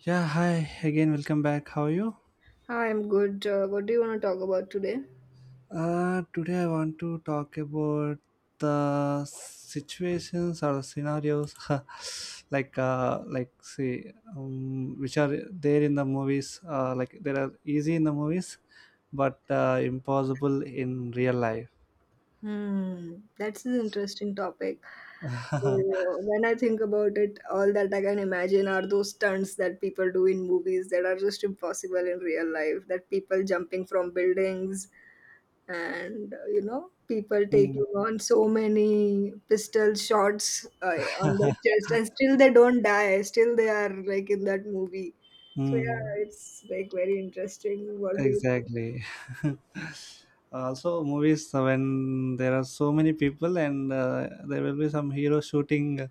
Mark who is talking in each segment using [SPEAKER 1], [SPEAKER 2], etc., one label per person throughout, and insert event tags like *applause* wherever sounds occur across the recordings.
[SPEAKER 1] Yeah, hi again. Welcome back. How are you?
[SPEAKER 2] Hi, I'm good. What do you want to talk about today?
[SPEAKER 1] Today I want to talk about the situations or the scenarios, *laughs* like say, which are there in the movies. Like there are easy in the movies, but impossible in real life.
[SPEAKER 2] Hmm, that's an interesting topic.
[SPEAKER 1] *laughs*
[SPEAKER 2] When I think about it, all that I can imagine are those stunts that people do in movies that are just impossible in real life. That people jumping from buildings and, people
[SPEAKER 1] Hmm.
[SPEAKER 2] taking on so many pistol shots on their chest and still they don't die. Still they are like in that movie. So,
[SPEAKER 1] Hmm.
[SPEAKER 2] yeah,
[SPEAKER 1] *laughs*
[SPEAKER 2] it's like very interesting. What do you
[SPEAKER 1] Exactly. *laughs* Also, movies when there are so many people and there will be some hero shooting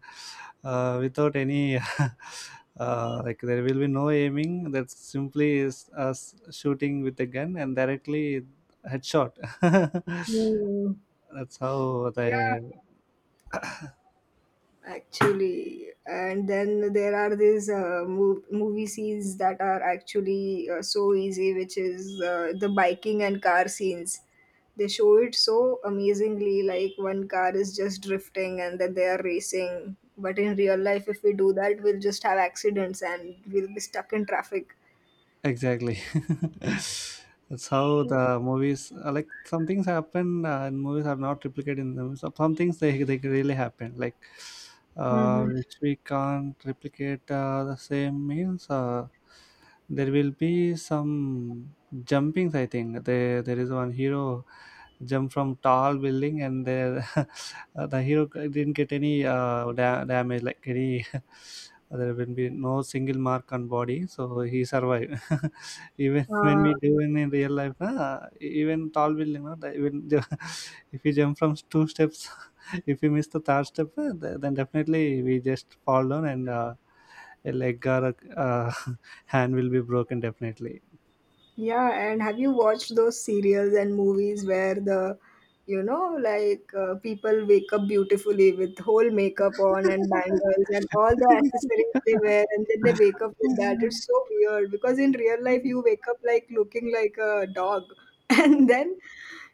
[SPEAKER 1] without any *laughs* like there will be no aiming. That simply is us shooting with a gun and directly headshot. *laughs*
[SPEAKER 2] think?
[SPEAKER 1] That's how
[SPEAKER 2] Hmm.
[SPEAKER 1] the
[SPEAKER 2] Actually, and then there are these movie scenes that are actually so easy, which is the biking and car scenes. They show it so amazingly, like one car is just drifting and then they are racing. But in real life, if we do that, we'll just have accidents and we'll be stuck in traffic.
[SPEAKER 1] Exactly. *laughs* That's how the movies like some things happen and movies are not replicated in them. So some things they really happen, like
[SPEAKER 2] Mm-hmm.
[SPEAKER 1] which we can't replicate the same means there will be some jumpings. I think there is one hero jump from tall building and there *laughs* the hero didn't get any damage like any. *laughs* There will be no single mark on body so he survived. *laughs* Even when we do in real life na, even tall building na, *laughs* if you jump from two steps, *laughs* if you miss the third step then definitely we just fall down and a leg or a *laughs* hand will be broken definitely.
[SPEAKER 2] Yeah, and have you watched those serials and movies where the like people wake up beautifully with whole makeup on and bangles and all the accessories they wear, and then they wake up with that?
[SPEAKER 1] *laughs*
[SPEAKER 2] It's so weird because in real life you wake up like looking like a dog, *laughs* and then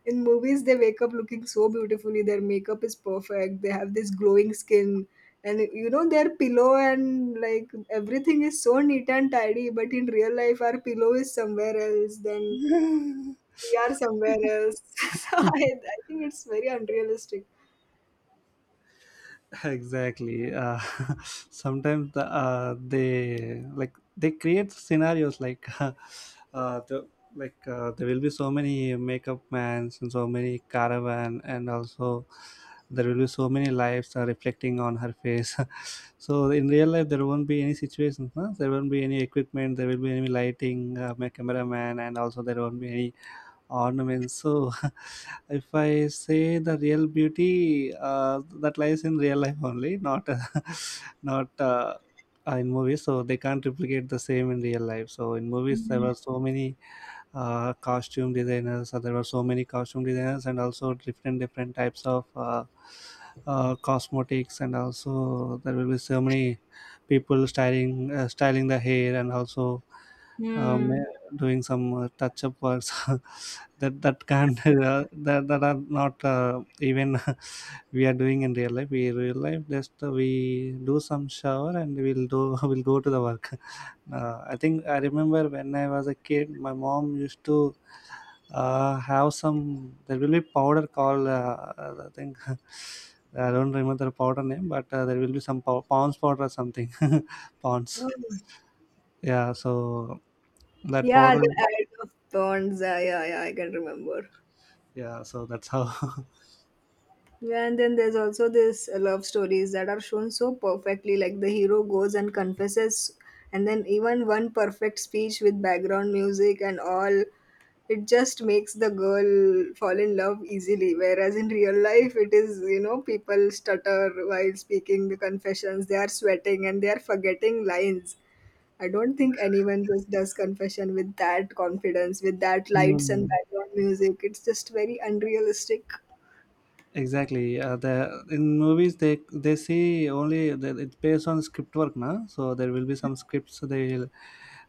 [SPEAKER 2] in movies they wake up looking so beautifully. Their makeup is perfect. They have this glowing skin, and their pillow and like everything is so neat and tidy. But in real life, our pillow is somewhere else, then we are somewhere else, *laughs* so I think it's very unrealistic.
[SPEAKER 1] Exactly. *laughs* Sometimes they like they create scenarios like *laughs* the like there will be so many makeup mans and so many caravan and also there will be so many lives are reflecting on her face. *laughs* So in real life there won't be any situations, no? There won't be any equipment, there will be any lighting, my cameraman, and also there won't be any ornaments. So, *laughs* if I say the real beauty that lies in real life only, not *laughs* not in movies, so they can't replicate the same in real life. So, in movies, there were so many costume designers. So there were so many costume designers and also different different types of cosmetics, and also there will be so many people styling the hair and also um,
[SPEAKER 2] Hmm.
[SPEAKER 1] Mm. doing some touch up works *laughs* that can *laughs* that are not even *laughs* we are doing in real life just we do some shower and we'll do *laughs* we'll go to the work. *laughs* I think I remember when I was a kid my mom used to have some there will be powder called I think, *laughs* I don't remember the powder name, but there will be some pounds powder or something, *laughs* pounds.
[SPEAKER 2] Mm.
[SPEAKER 1] Yeah, so that
[SPEAKER 2] Yeah,
[SPEAKER 1] powder.
[SPEAKER 2] the Ads of Thorns. Yeah, yeah, yeah, I can remember.
[SPEAKER 1] Yeah, so that's how.
[SPEAKER 2] Yeah, and then there's also this love stories that are shown so perfectly. Like the hero goes and confesses, and then even one perfect speech with background music and all, it just makes the girl fall in love easily. Whereas in real life, it is people stutter while speaking the confessions. They are sweating and they are forgetting lines. I don't think anyone just does confession with that confidence, with that
[SPEAKER 1] *laughs*
[SPEAKER 2] lights and
[SPEAKER 1] Hmm.
[SPEAKER 2] background music. It's just very unrealistic.
[SPEAKER 1] Exactly. The In movies they see only that it's based on script work, na. So there will be some scripts they will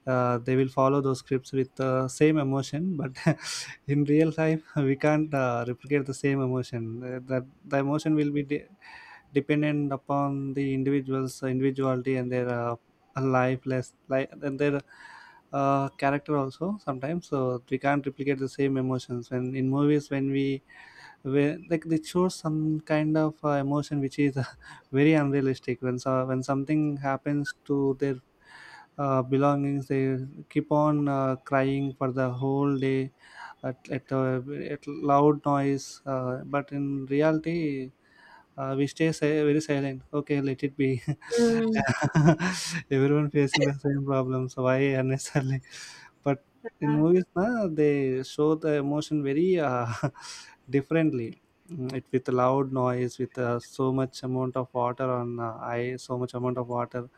[SPEAKER 1] follow those scripts with same emotion, but *laughs* in real life *laughs* we can't replicate the same emotion. That the emotion will be dependent upon the individual's individuality and their life, less life and their character also sometimes. So we can't replicate the same emotions. When in movies when we where Like they show some kind of emotion which is *laughs* very unrealistic, when something happens to their belongings, they keep on crying for the whole day at loud noise, but in reality we stay very silent. Okay, let it be.
[SPEAKER 2] Mm.
[SPEAKER 1] *laughs* Everyone facing the same problems. Why unnecessarily? But in movies, na, they show the emotion very *laughs* differently. It with loud noise, with so much amount of water on eye, so much amount of water.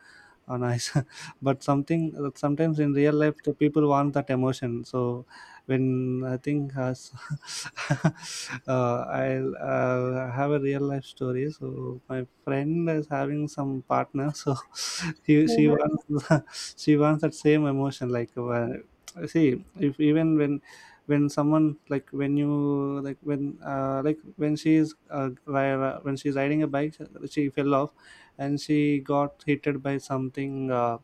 [SPEAKER 1] Oh, nice. *laughs* But something that sometimes in real life, the people want that emotion. So when I think *laughs* I have a real life story. So my friend is having some partner. So *laughs* she wants *laughs* she wants that same emotion. Like when, see, if even when someone like when you when she's when she's riding a bike, she fell off and she got hit by something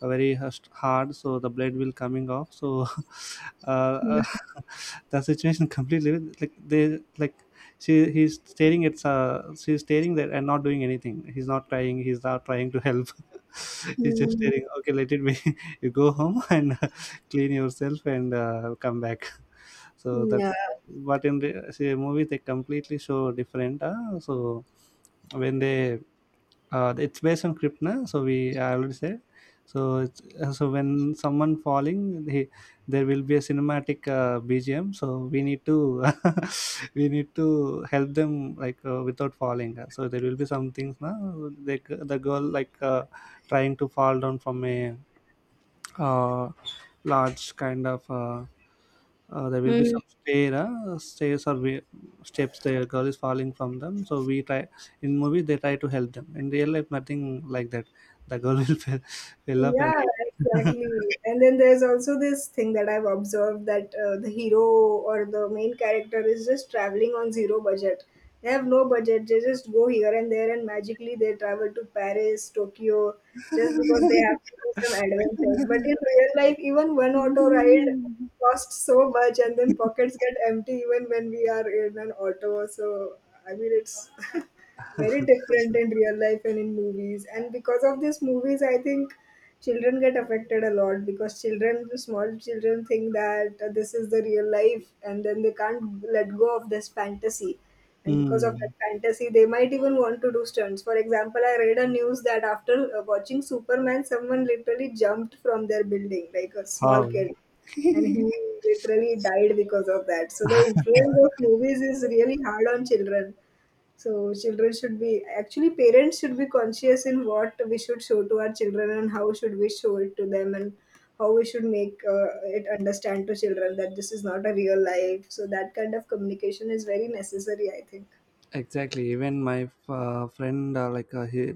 [SPEAKER 1] very hard, so the blade will coming off, so *laughs* uh,
[SPEAKER 2] Mhm.
[SPEAKER 1] *laughs* the situation completely, like they like she he's staring at, she's staring there and not doing anything, he's not trying to help. *laughs* He's just staring. Okay, let it be. *laughs* You go home, *laughs* and clean yourself and come back. *laughs* So
[SPEAKER 2] Yeah.
[SPEAKER 1] that's, but in the say, movies they completely show different, so when they, it's based on Kripna, so we I already said. So so when someone falling, there will be a cinematic BGM. So we need to *laughs* we need to help them, like without falling. So there will be some things now. Like the girl trying to fall down from a uh, large kind of there will be
[SPEAKER 2] Mm.
[SPEAKER 1] some stairs or steps. The girl is falling from them, so we try. In movie, they try to help them. In real life, nothing like that. The girl will *laughs* fell off and
[SPEAKER 2] Yeah, exactly. And then there's also this thing that I've observed that the hero or the main character is just traveling on zero budget. They have no budget. They just go here and there and magically they travel to Paris, Tokyo, just because they have to do some
[SPEAKER 1] *laughs*
[SPEAKER 2] adventures. But in real life, even one auto ride cost so much, and then pockets get empty even when we are in an auto. So, I mean, it's *laughs* very different in real life and in movies. And because of these movies, I think children get affected a lot, because children, the small children, think that this is the real life, and then they can't let go of this fantasy. And because of that
[SPEAKER 1] Hmm.
[SPEAKER 2] fantasy, they might even want to do stunts. For example, I read a news that after watching Superman, someone literally jumped from their building like a small
[SPEAKER 1] How?
[SPEAKER 2] kid, and he
[SPEAKER 1] *laughs*
[SPEAKER 2] literally died because of that. So the influence of movies is really hard on children. So children should be, actually parents should be conscious in what we should show to our children, and how should we show it to them, and how we should make it understand to children that this is not a real life. So that kind of communication is very necessary, I think.
[SPEAKER 1] Exactly, even my friend like he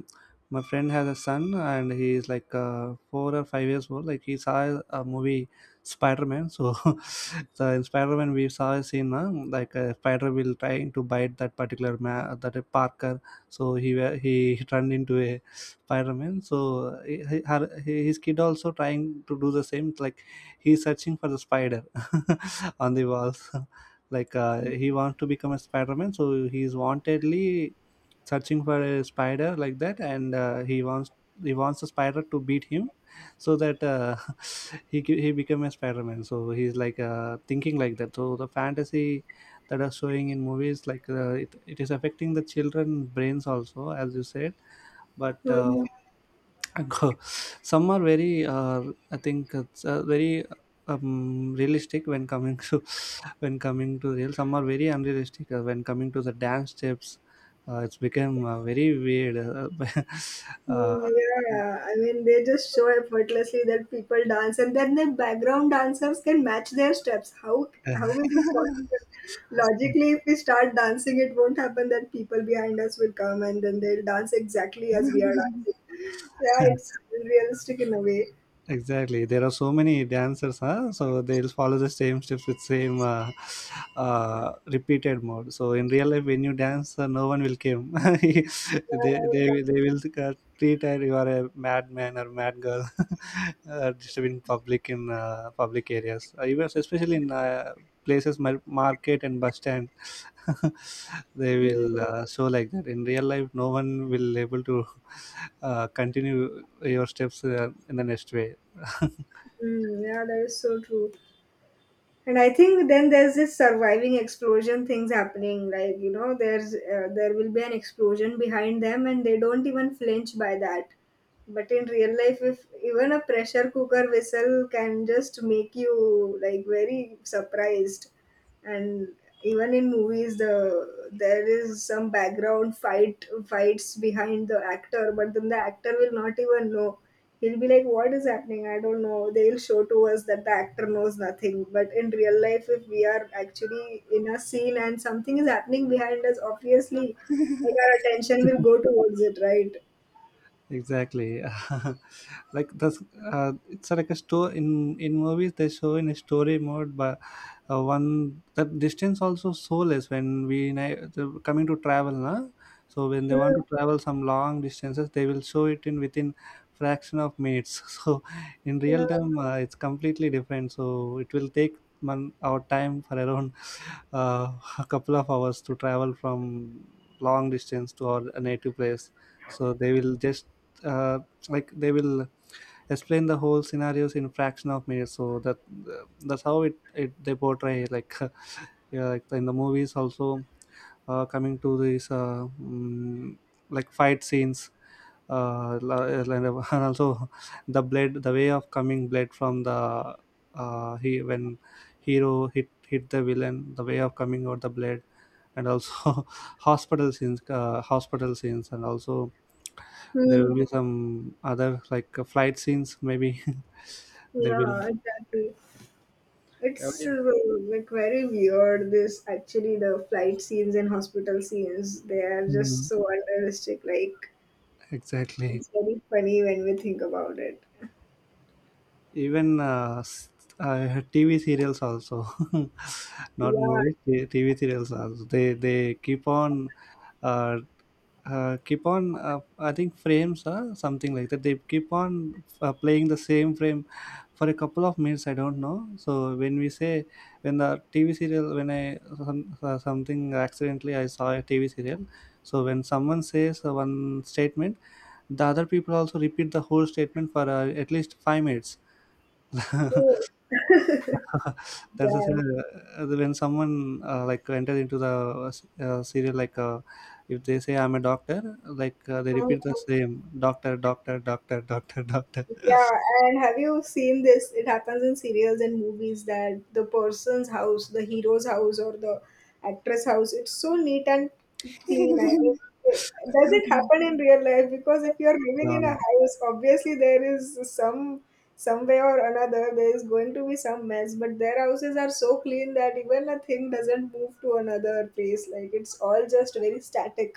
[SPEAKER 1] my friend has a son and he is like 4 or 5 years old, like he saw a movie spider-man, so *laughs* so in spider-man we saw a scene, like a spider will trying to bite that particular man, that parker. So he *laughs* turned into a spider-man, so his kid also trying to do the same, like he's searching for the spider *laughs* on the walls, like he wants to become a spider-man, so he's wantedly searching for a spider like that, and he wants the spider to beat him. *laughs* So that *laughs* he become a spider-man, so he's like thinking like that, so the fantasy that are showing in movies, like it is affecting the children brains also, as you said. But
[SPEAKER 2] Mhm.
[SPEAKER 1] *laughs* some are very I think it's very realistic when coming to *laughs* when coming to real, some are very unrealistic when coming to the dance steps, it's become very weird
[SPEAKER 2] Mm, yeah, I mean, they just show effortlessly that people dance, and then the background dancers can match their steps. How is this possible? Logically,
[SPEAKER 1] *laughs*
[SPEAKER 2] if we start dancing, it won't happen that people behind us will come and then they'll dance exactly as we are dancing. Yeah,
[SPEAKER 1] uh, *laughs*
[SPEAKER 2] it's realistic in a way.
[SPEAKER 1] Exactly. There are so many dancers, huh? So they'll follow the same steps with same repeated mode. So in real life, when you dance, no one will come. *laughs*
[SPEAKER 2] Yeah,
[SPEAKER 1] They they will treat her you are a madman or mad girl, *laughs* disturbing public in public areas. Even especially in places market and bus stand, *laughs* they
[SPEAKER 2] mm,
[SPEAKER 1] will show like that. In real life, no one will able to *laughs* continue your steps in the next way.
[SPEAKER 2] mm, yeah, that is so true. And I think then there's this surviving explosion things happening, like there will be an explosion behind them and they don't even flinch by that. But in real life, if even a pressure cooker whistle can just make you like very surprised. And even in movies, there is some background fights behind the actor, but then the actor will not even know. He'll be like, what is happening? I don't know, they'll show to us that the actor knows nothing. But in real life, if we are actually in a scene and something is happening behind us, obviously like our attention will go towards it, right?
[SPEAKER 1] Exactly. *laughs* like that's It's like a store in movies they show in a story mode, but one that distance also so less when coming to travel, na? So when they
[SPEAKER 2] Hmm,
[SPEAKER 1] want to travel some long distances they will show it in within fraction of minutes. *laughs* So in real
[SPEAKER 2] yeah.
[SPEAKER 1] time it's completely different, so it will take man our time for around uh, *laughs* a couple of hours to travel from long distance to our native place. So they will just uh, like they will explain the whole scenarios in fraction of minutes, so that that's how it they portray, like. *laughs* Yeah, like in the movies also coming to these like fight scenes, *laughs* and also the blade, the way of coming blade from the he when hero hit the villain, the way of coming out the blade, and also *laughs* hospital scenes, and also there will
[SPEAKER 2] Hmm,
[SPEAKER 1] be some other like flight scenes. Maybe *laughs* there will.
[SPEAKER 2] yeah, exactly.
[SPEAKER 1] Oh,
[SPEAKER 2] It's
[SPEAKER 1] yeah.
[SPEAKER 2] like very weird. This actually, the flight scenes and hospital scenes, they are just
[SPEAKER 1] Mm,
[SPEAKER 2] so unrealistic. Like,
[SPEAKER 1] exactly.
[SPEAKER 2] it's very funny when we think about it.
[SPEAKER 1] Even TV serials also, *laughs* not
[SPEAKER 2] Yeah,
[SPEAKER 1] movies. TV serials also. They keep on. Uh, Keep on, I think frames, something like that they keep on playing the same frame for a couple of minutes, I don't know. So when we say When the TV serial, when something accidentally I saw a TV serial, so when someone says one statement, the other people also repeat the whole statement for at least 5 minutes.
[SPEAKER 2] true.
[SPEAKER 1] *laughs* *laughs* That's the thing. When someone like enter into the serial, like if they say I'm a doctor, like they
[SPEAKER 2] *laughs* Damn.
[SPEAKER 1] repeat the same doctor, doctor, doctor, doctor, doctor.
[SPEAKER 2] Yeah, and have you seen this? It happens in serials and movies that the person's house, the hero's house, or the actress' house, it's so neat and clean. I mean,
[SPEAKER 1] *laughs*
[SPEAKER 2] it, does it happen in real life? Because if you're living
[SPEAKER 1] No,
[SPEAKER 2] in a
[SPEAKER 1] no,
[SPEAKER 2] house, obviously there is some way or another there is going to be some mess. But their houses are so clean that even a thing doesn't move to another place. Like, it's all just very static.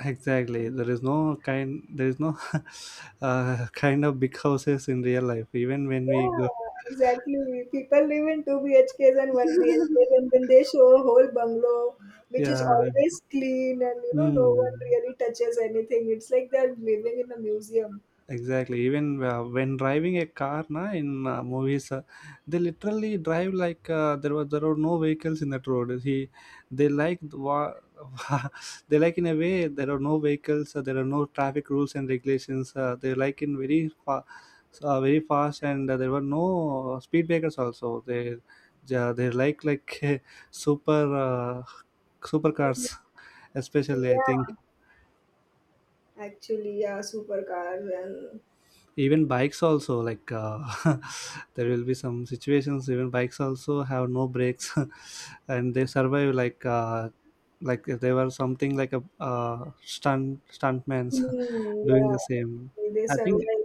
[SPEAKER 1] exactly. There is no kind. There is no *laughs* kind of big houses in real life. Even when we
[SPEAKER 2] Yeah,
[SPEAKER 1] go,
[SPEAKER 2] exactly. People live in two BHKs and one BHKs,
[SPEAKER 1] *laughs*
[SPEAKER 2] and then they show a whole bungalow, which is
[SPEAKER 1] yeah.
[SPEAKER 2] always clean, and no one
[SPEAKER 1] Hmm.
[SPEAKER 2] really touches anything. It's like they're living in a museum.
[SPEAKER 1] Exactly. Even when driving a car, na, in movies, they literally drive like there are no vehicles in that road. He, they like the wa- *laughs* they like in a way there are no vehicles, there are no traffic rules and regulations. They like in very fa- very fast, and there were no speed breakers also. They yeah, they like *laughs* super supercars, especially I think.
[SPEAKER 2] Yeah, actually, yeah, supercars and
[SPEAKER 1] Even bikes also like *laughs* there will be some situations even bikes also have no brakes *laughs* and they survive like if they were something like a stuntman's
[SPEAKER 2] hmm,
[SPEAKER 1] *laughs* doing
[SPEAKER 2] yeah,
[SPEAKER 1] the same.
[SPEAKER 2] they
[SPEAKER 1] I think
[SPEAKER 2] survive.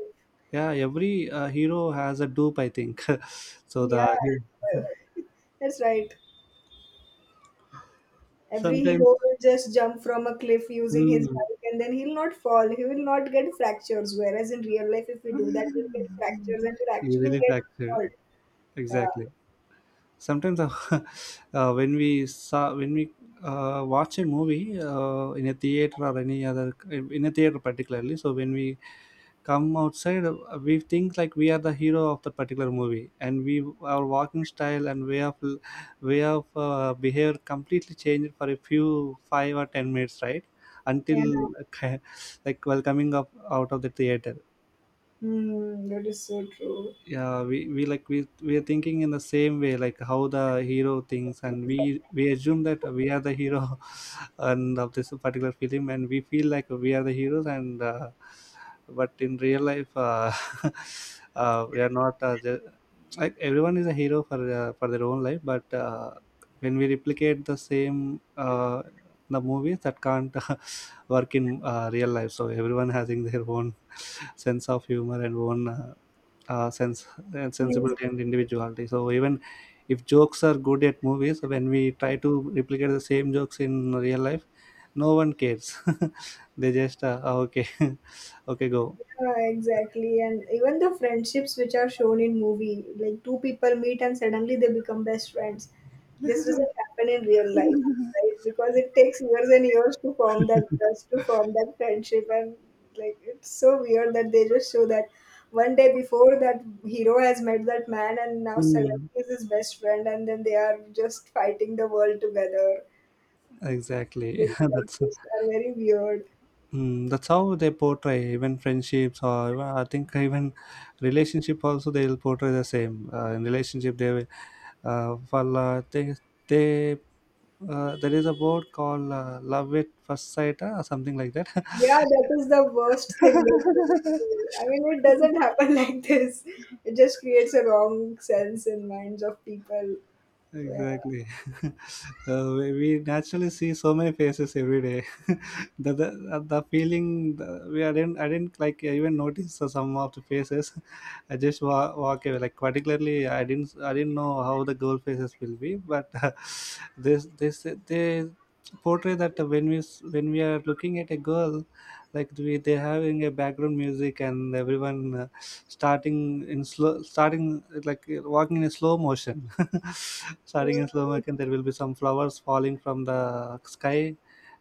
[SPEAKER 1] yeah, every hero has a dupe, I think. *laughs* So the *laughs*
[SPEAKER 2] Yeah, *laughs* that's right. Every hero
[SPEAKER 1] sometimes
[SPEAKER 2] will just jump from a cliff using his
[SPEAKER 1] mm,
[SPEAKER 2] bike and then he'll not fall. He will not get fractures. Whereas in real life, if we do that,
[SPEAKER 1] *laughs*
[SPEAKER 2] we'll get fractures and we'll
[SPEAKER 1] he
[SPEAKER 2] actually
[SPEAKER 1] really
[SPEAKER 2] get
[SPEAKER 1] fractured
[SPEAKER 2] hurt. Yeah.
[SPEAKER 1] exactly sometimes *laughs* when we saw when we watch a movie in a theater particularly, so when we come outside we think like we are the hero of the particular movie, and we our walking style and way of behavior completely changed for a few 5 or 10 minutes, right? Until
[SPEAKER 2] Yeah.
[SPEAKER 1] uh, *laughs* like while coming up out of the theater.
[SPEAKER 2] Hmm, that is so true.
[SPEAKER 1] Yeah, we like we are thinking in the same way like how the hero thinks, and we assume that we are the hero *laughs* and of this particular film, and we feel like we are the heroes. And but in real life *laughs* we are not ju- like everyone is a hero for their own life. But when we replicate the same the movies that can't *laughs* work in real life. So everyone *laughs* having their own *laughs* sense of humor and own sense and
[SPEAKER 2] Hmm.
[SPEAKER 1] sensibility and individuality. So even if jokes are good at movies, when we try to replicate the same jokes in real life, no one cares. *laughs* They just "Ah, okay, *laughs* okay, go.
[SPEAKER 2] Exactly, and even the friendships which are shown in movie, like two people meet and suddenly they become best friends. This doesn't
[SPEAKER 1] *laughs*
[SPEAKER 2] happen in real life, right? Because it takes years and years to form that trust, to form that friendship, and like it's so weird that they just show that one day before that hero has met that man, and now suddenly
[SPEAKER 1] Mm,
[SPEAKER 2] is his best friend, and then they are just fighting the world together.
[SPEAKER 1] exactly.
[SPEAKER 2] It's
[SPEAKER 1] *laughs*
[SPEAKER 2] like,
[SPEAKER 1] That's
[SPEAKER 2] this are very weird.
[SPEAKER 1] Hmm, that's how they portray even friendships or even I think even relationship also, they will portray the same. In relationship they will well they there is a word called love at first sight or something like that.
[SPEAKER 2] Yeah, that is the worst thing they could do. I
[SPEAKER 1] *laughs*
[SPEAKER 2] mean, it doesn't happen *laughs* like this. It just creates a wrong sense in minds of people. Yeah.
[SPEAKER 1] Exactly. *laughs* We naturally see so many faces every day. *laughs* The feeling the, we I didn't like even notice some of the faces. *laughs* Walk away. Like particularly, I didn't know how the girl faces will be, but *laughs* this this they portray that when when we are looking at a girl, like we they having a background music, and everyone starting like walking in a slow motion. *laughs* Starting in slow motion, there will be some flowers falling from the sky,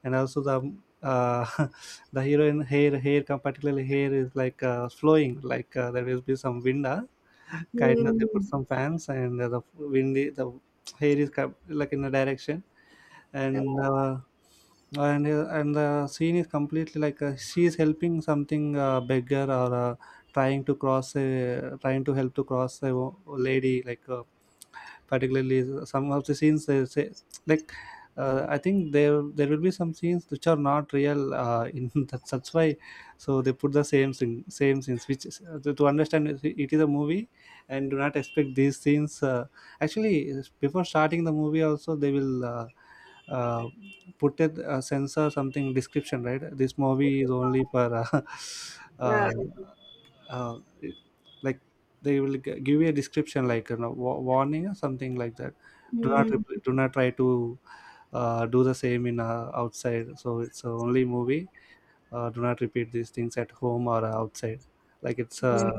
[SPEAKER 1] and also the uh, *laughs* the heroine hair particularly hair is like flowing like there will be some wind kind of, they put
[SPEAKER 2] Mm,
[SPEAKER 1] some fans, and the windy, the hair is like in a direction,
[SPEAKER 2] yeah.
[SPEAKER 1] and and the scene is completely like she is helping something beggar or trying to help to cross lady like particularly. Some of the scenes they say like I think there there will be some scenes which are not real. In *laughs* that, that's why, so they put the same thing, same scenes. Which is to understand, it is a movie, and do not expect these scenes. Actually, before starting the movie, also they will uh, put it a censor something description. Right, this movie is only for *laughs*
[SPEAKER 2] Yeah.
[SPEAKER 1] uh, uh, like they will give you a description like, you know, warning or something like that. Do not
[SPEAKER 2] Mm,
[SPEAKER 1] repl do not try to do the same in outside, so it's a only movie. Do not repeat these things at home or outside. Like it's
[SPEAKER 2] yeah.
[SPEAKER 1] a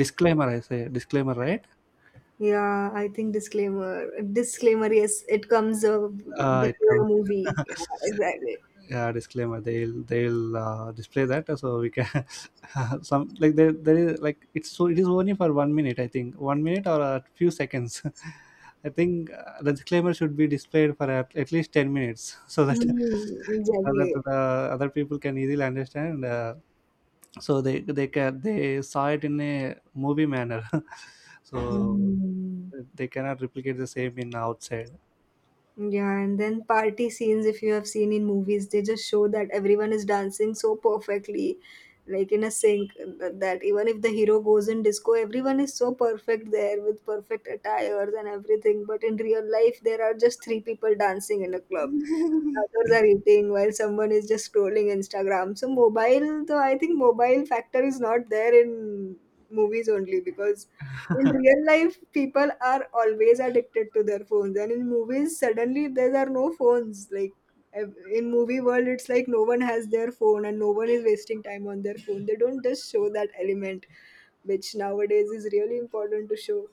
[SPEAKER 1] disclaimer, I say, disclaimer, right?
[SPEAKER 2] Yeah, I think disclaimer. Disclaimer, yes, it comes
[SPEAKER 1] It
[SPEAKER 2] before a
[SPEAKER 1] comes
[SPEAKER 2] movie.
[SPEAKER 1] *laughs*
[SPEAKER 2] Yeah, exactly.
[SPEAKER 1] yeah, disclaimer, they'll display that so we can *laughs* some like there is like, it's so, it is only for 1 minute, I think, 1 minute or a few seconds. *laughs* I think the disclaimer should be displayed for at least 10 minutes *laughs* so that
[SPEAKER 2] Mm,
[SPEAKER 1] so
[SPEAKER 2] exactly.
[SPEAKER 1] that the other people can easily understand. So they can they saw it in a movie manner. *laughs* So
[SPEAKER 2] Mm.
[SPEAKER 1] they cannot replicate the same in outside.
[SPEAKER 2] Yeah, and then party scenes, if you have seen in movies, they just show that everyone is dancing so perfectly, like in a sync, that even if the hero goes in disco, everyone is so perfect there with perfect attires and everything. But in real life, there are just three people dancing in a club. Others are eating while someone is just scrolling Instagram. So mobile, though I think mobile factor is not there in movies only, because in real life people are always addicted to their phones, and in movies suddenly there are no phones. Like, in movie world, it's like no one has their phone and no one is wasting time on their phone. They don't just show that element, which nowadays is really important to show.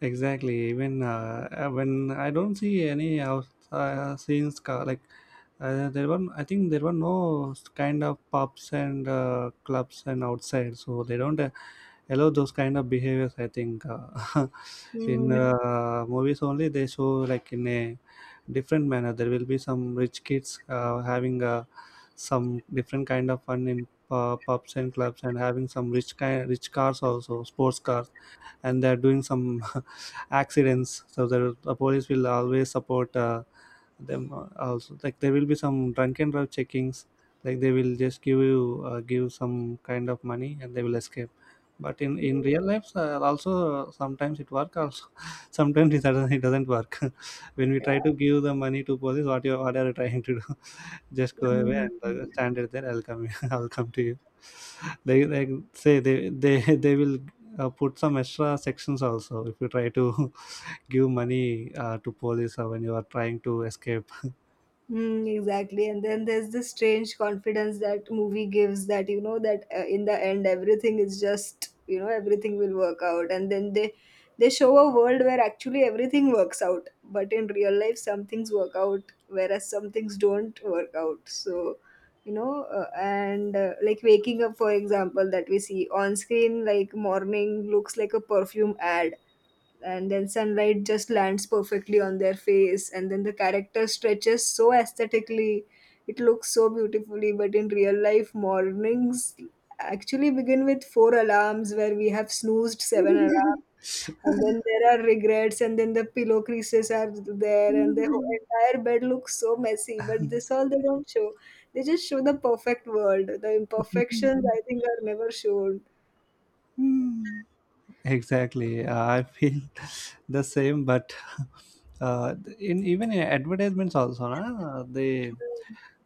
[SPEAKER 1] Exactly. Even when I don't see any out scenes, like I think there were no kind of pubs and clubs and outside, so they don't allow those kind of behaviors. I think *laughs* in
[SPEAKER 2] Hmm.
[SPEAKER 1] movies only, they show like in a different manner. There will be some rich kids having some different kind of fun in pubs and clubs, and having some rich kind, rich cars also, sports cars, and they're doing some *laughs* accidents. So the police will always support them, also like there will be some drunken drive checkings. Like they will just give you give some kind of money, and they will escape. But in real life also sometimes it work also, *laughs* sometimes it doesn't work. *laughs* When we try to give the money to police, what you what are you trying to do? Just go away and stand it there. I'll come. *laughs* I'll come to you." *laughs* They like say they *laughs* they will put some extra sections also if you try to *laughs* give money to police or when you are trying to escape.
[SPEAKER 2] Mm, exactly. And then there's this strange confidence that movie gives, that that in the end, everything is just, everything will work out. And then they show a world where actually everything works out. But in real life, some things work out, whereas some things don't work out. So, and like waking up, for example, that we see on screen, like morning looks like a perfume ad, and then sunlight just lands perfectly on their face, and then the character stretches so aesthetically, it looks so beautifully, but in real life, mornings actually begin with four alarms where we have snoozed seven alarms. And then there are regrets, and then the pillow creases are there, and the
[SPEAKER 1] *laughs*
[SPEAKER 2] whole entire bed looks so messy. But this all they don't show. They just show the perfect world. The imperfections, I think, are never shown.
[SPEAKER 1] Hmm. Exactly. I feel *laughs* the same, but *laughs* in even in advertisements also, na, they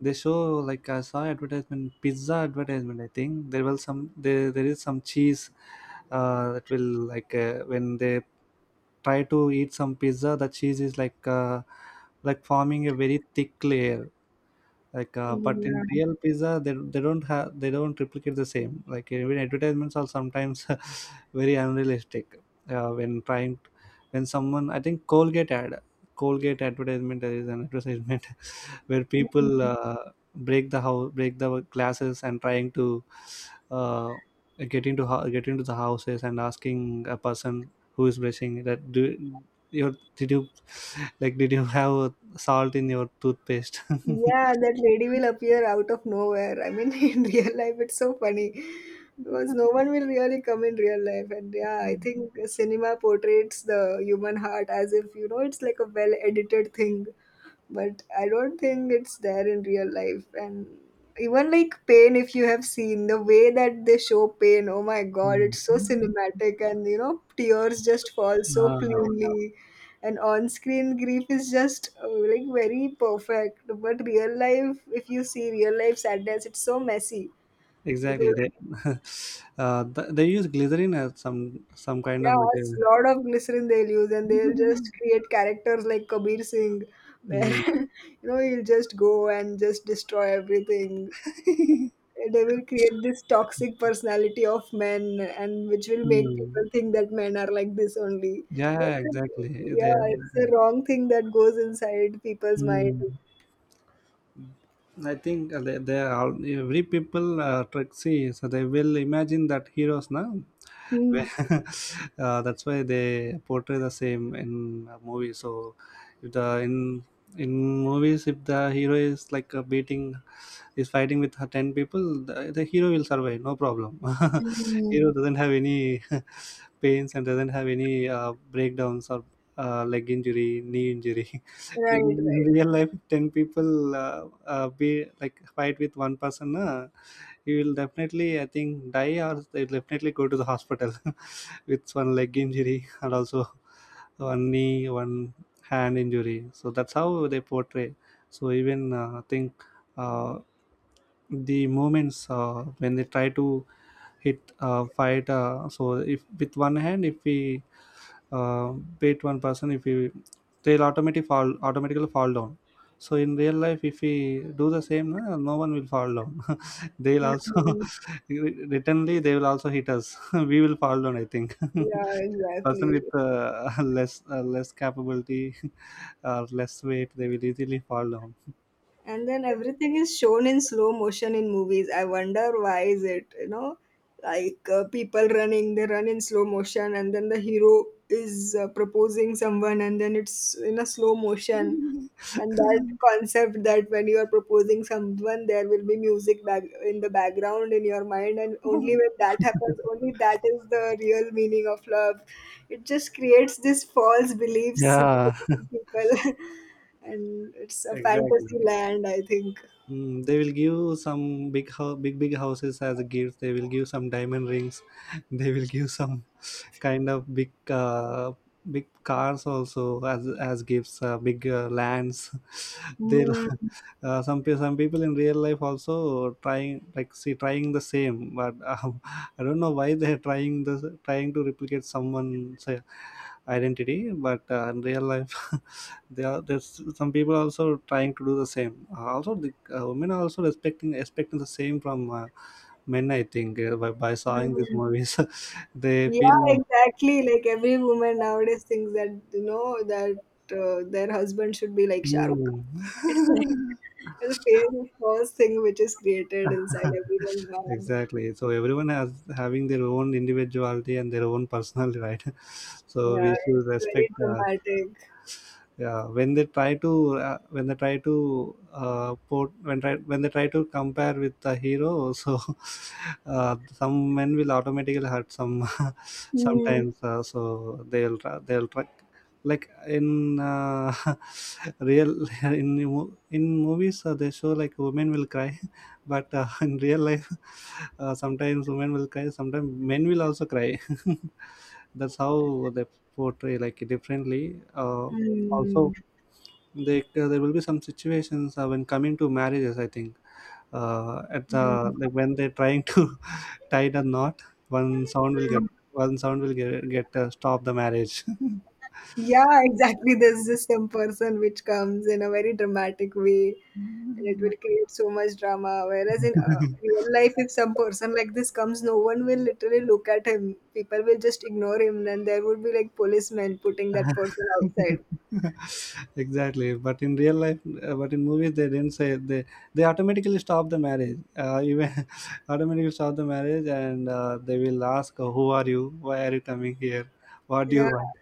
[SPEAKER 1] they show like I saw advertisement pizza advertisement. I think there was some there is some cheese that will like when they try to eat some pizza, the cheese is like forming a very thick layer like but
[SPEAKER 2] Yeah.
[SPEAKER 1] in real pizza they don't have they don't replicate the same. Like even advertisements are sometimes *laughs* very unrealistic uh, when trying when someone, I think, Colgate ad, Colgate advertisement. There is an advertisement *laughs* where people break the house, break the glasses and trying to uh, get into the houses and asking a person who is brushing that, do your did you *laughs* like, did you have salt in your toothpaste? *laughs*
[SPEAKER 2] Yeah, that lady will appear out of nowhere. I mean, *laughs* in real life, it's so funny because no one will really come in real life. And yeah, I think cinema portrays the human heart as if, it's like a well edited thing. But I don't think it's there in real life. And even like pain, if you have seen the way that they show pain, oh my God, it's so
[SPEAKER 1] Mm.
[SPEAKER 2] cinematic. And, you know, tears just fall so
[SPEAKER 1] Ah,
[SPEAKER 2] cleanly, and on-screen grief is just like very perfect, but real life, if you see real life sadness, it's so messy.
[SPEAKER 1] exactly.
[SPEAKER 2] Because
[SPEAKER 1] They *laughs* they use glycerin as some kind of
[SPEAKER 2] yeah, it's
[SPEAKER 1] material.
[SPEAKER 2] a lot of glycerin they'll use, and they'll just create characters like Kabir Singh, where *laughs*
[SPEAKER 1] Mm.
[SPEAKER 2] you know, he'll just go and just destroy everything.
[SPEAKER 1] *laughs*
[SPEAKER 2] They will create this toxic personality of men, and which will make
[SPEAKER 1] Mm.
[SPEAKER 2] people think that men are like this only.
[SPEAKER 1] Yeah,
[SPEAKER 2] So
[SPEAKER 1] yeah,
[SPEAKER 2] it's a,
[SPEAKER 1] exactly. They
[SPEAKER 2] yeah, it's a wrong thing that goes inside people's mind.
[SPEAKER 1] mm. I think they are all every people tricksy, so they will imagine that heroes, na, *laughs*
[SPEAKER 2] Hmm.
[SPEAKER 1] that's why they portray the same in a movie. So if the in movies, if the hero is like beating is fighting with her 10 people, the hero will survive, no problem. *laughs*
[SPEAKER 2] Mhm.
[SPEAKER 1] Hero doesn't have any *laughs* pains and doesn't have any breakdowns or leg injury, knee injury. *laughs*
[SPEAKER 2] Right,
[SPEAKER 1] In
[SPEAKER 2] right.
[SPEAKER 1] real life, 10 people be like fight with one person, na, he will definitely, I think, die, or they'll definitely go to the hospital *laughs* with one leg injury and also one knee, one hand injury. So that's how they portray. So even I think uh, the moments when they try to hit fight. So if with one hand, if we uh, beat one person, if we they'll automatically fall down. So in real life, if we do the same, no one will fall down. *laughs* They'll also *laughs*
[SPEAKER 2] Mhm.
[SPEAKER 1] returnly they will also hit us. *laughs* We will fall down, I think.
[SPEAKER 2] Yeah,
[SPEAKER 1] *laughs* Person
[SPEAKER 2] exactly.
[SPEAKER 1] with *laughs* less capability *laughs* or less weight, they will easily fall down.
[SPEAKER 2] And then everything is shown in slow motion in movies. I wonder why is it, you know, like people running, they run in slow motion, and then the hero is proposing someone, and then it's in a slow motion. And that concept that when you are proposing someone, there will be music back in the background in your mind, and only when
[SPEAKER 1] *laughs*
[SPEAKER 2] that happens, only that is the real meaning of love. It just creates this false belief
[SPEAKER 1] Yeah.
[SPEAKER 2] system
[SPEAKER 1] *laughs*
[SPEAKER 2] in people. *laughs* And it's a
[SPEAKER 1] Exactly.
[SPEAKER 2] fantasy land, I think.
[SPEAKER 1] Mm, they will give some big big houses as a gift. They will give some diamond rings. *laughs* They will give some kind of big big cars also as gifts. Big lands. *laughs* They'll
[SPEAKER 2] Mm,
[SPEAKER 1] Some people in real life also trying, like see trying the same, but *laughs* I don't know why they're trying the trying to replicate someone's identity, but in real life *laughs* there's some people also trying to do the same. Also the women are also expecting the same from men, I think, by seeing these
[SPEAKER 2] mm.
[SPEAKER 1] movies. *laughs* They feel
[SPEAKER 2] Yeah,
[SPEAKER 1] like
[SPEAKER 2] exactly. Like every woman nowadays thinks that, you know, that their husband should be like Shahrukh.
[SPEAKER 1] "Hmm."
[SPEAKER 2] It's like,
[SPEAKER 1] *laughs*
[SPEAKER 2] and the fear is the first thing which is created inside
[SPEAKER 1] *laughs*
[SPEAKER 2] everyone's mind.
[SPEAKER 1] Exactly, so everyone has having their own individuality and their own personality, right? *laughs* So
[SPEAKER 2] Yeah,
[SPEAKER 1] we should
[SPEAKER 2] it's very
[SPEAKER 1] respect.
[SPEAKER 2] dramatic.
[SPEAKER 1] Yeah, when they try to, when they try to port when try when they try to compare with the hero. So *laughs* some men will automatically hurt some. *laughs*
[SPEAKER 2] Hmm.
[SPEAKER 1] Sometimes, so they'll try, like, in *laughs* real, *laughs* in movies, they show like women will cry, *laughs* but in real life *laughs* sometimes women will cry, sometimes men will also cry. *laughs* That's how they portray, like, differently. uh,
[SPEAKER 2] Hmm.
[SPEAKER 1] Also there will be some situations when coming to marriages, I think, at the,
[SPEAKER 2] Hmm.
[SPEAKER 1] like, when they're trying to *laughs* tie the knot, one sound will get,
[SPEAKER 2] Hmm.
[SPEAKER 1] one sound will get, stop the marriage.
[SPEAKER 2] Yeah, exactly. There's this some person which comes in a very dramatic way, and it will
[SPEAKER 1] *laughs*
[SPEAKER 2] create so much drama. Whereas in real life, if some person like this comes, no one will literally look at him. People will just ignore him, and there would be like policemen putting that person outside.
[SPEAKER 1] Exactly, but in real life, but in movies they didn't say they automatically stop the marriage, even *laughs* automatically stop the marriage. And they will ask, "Who are you? Why are you coming here? What do
[SPEAKER 2] Yeah,
[SPEAKER 1] you want?"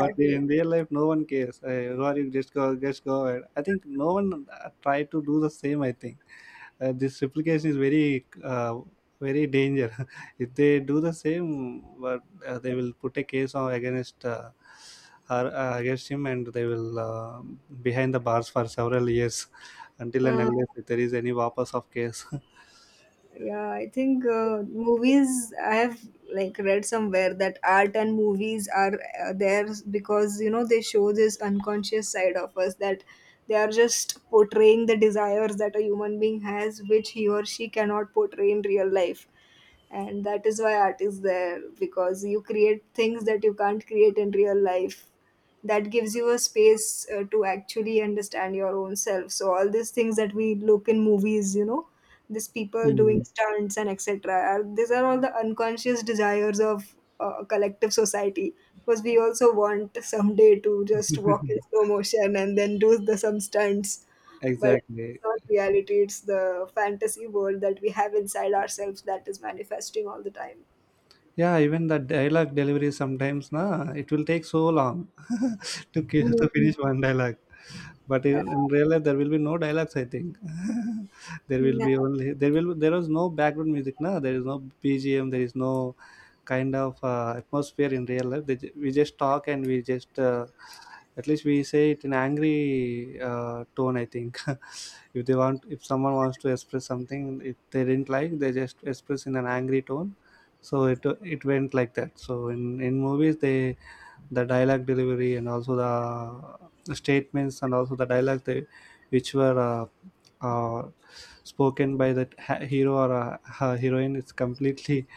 [SPEAKER 1] But in real life, no one cares. Who are you? Just go ahead. I think no one try to do the same. I think this replication is very danger. *laughs* If they do the same, but they will put a case on against her, against him, and they will, behind the bars for several years *laughs* until and unless there is any wapas of case. *laughs*
[SPEAKER 2] Yeah, I think movies. I have like read somewhere that art and movies are there because, you know, they show this unconscious side of us, that they are just portraying the desires that a human being has, which he or she cannot portray in real life, and that is why art is there, because you create things that you can't create in real life. That gives you a space to actually understand your own self. So all these things that we look in movies, you know, these people doing
[SPEAKER 1] Mm.
[SPEAKER 2] stunts and etc are, these are all the unconscious desires of collective society, because we also want someday to just walk in
[SPEAKER 1] *laughs*
[SPEAKER 2] slow motion and then do the some stunts. But it's
[SPEAKER 1] Exactly.
[SPEAKER 2] not reality. It's the fantasy world that we have inside ourselves that is manifesting all the time.
[SPEAKER 1] Yeah, even the dialogue delivery sometimes na, it will take so long *laughs* to
[SPEAKER 2] Mm,
[SPEAKER 1] finish one dialogue. But in real life there will be no dialogues, I think. *laughs*
[SPEAKER 2] yeah,
[SPEAKER 1] There is no background music na, there is no bgm, there is no kind of atmosphere in real life. We just talk, and we just, at least we say it in angry tone, I think. *laughs* If they want, if someone wants to express something, if they didn't like, they just express in an angry tone. So it went like that. So in movies they, the dialogue delivery, and also the statements, and also the dialogue they, which were uh, spoken by the hero or her heroine, it's completely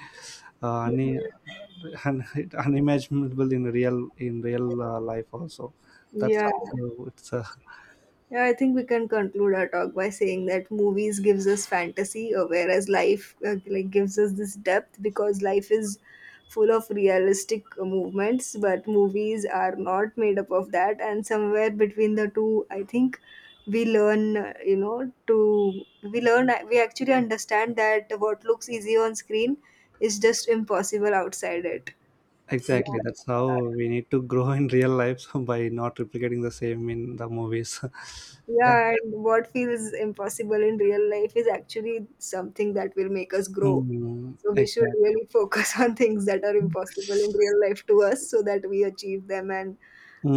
[SPEAKER 1] uh, une- un- *laughs* unimaginable in real life also. That's
[SPEAKER 2] yeah.
[SPEAKER 1] how it's.
[SPEAKER 2] Yeah, I think we can conclude our talk by saying that movies gives us fantasy, whereas life like gives us this depth, because life is full of realistic movements, but movies are not made up of that. And somewhere between the two, I think we learn, you know, to we actually understand that what looks easy on screen is just impossible outside it. You know,
[SPEAKER 1] Exactly, that's how
[SPEAKER 2] yeah.
[SPEAKER 1] we need to grow in real life, *laughs* so by not replicating the same in the movies. *laughs* Yeah.
[SPEAKER 2] Yeah, and what feels impossible in real life is actually something that will make us grow.
[SPEAKER 1] Mm,
[SPEAKER 2] So we should
[SPEAKER 1] exactly.
[SPEAKER 2] really focus *laughs* on things that are impossible in real life to us so that we achieve them, and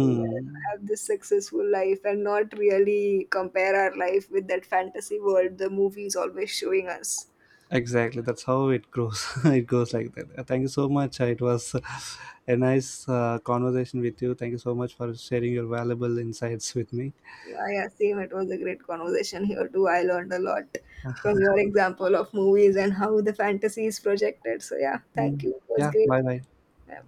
[SPEAKER 2] you know, have this successful life and not really compare our life with that fantasy world the movie is always showing us.
[SPEAKER 1] Exactly, that's how it grows. *laughs* It goes like that. Thank you so much. It was *laughs* a nice conversation with you. Thank you so much for sharing your valuable insights with me.
[SPEAKER 2] Yeah, yeah, same. It was a great conversation here too. I learned a lot from your example of movies and how the fantasy is projected. So yeah, thank
[SPEAKER 1] Mm,
[SPEAKER 2] you. It was
[SPEAKER 1] yeah,
[SPEAKER 2] great.
[SPEAKER 1] bye bye.
[SPEAKER 2] Yeah.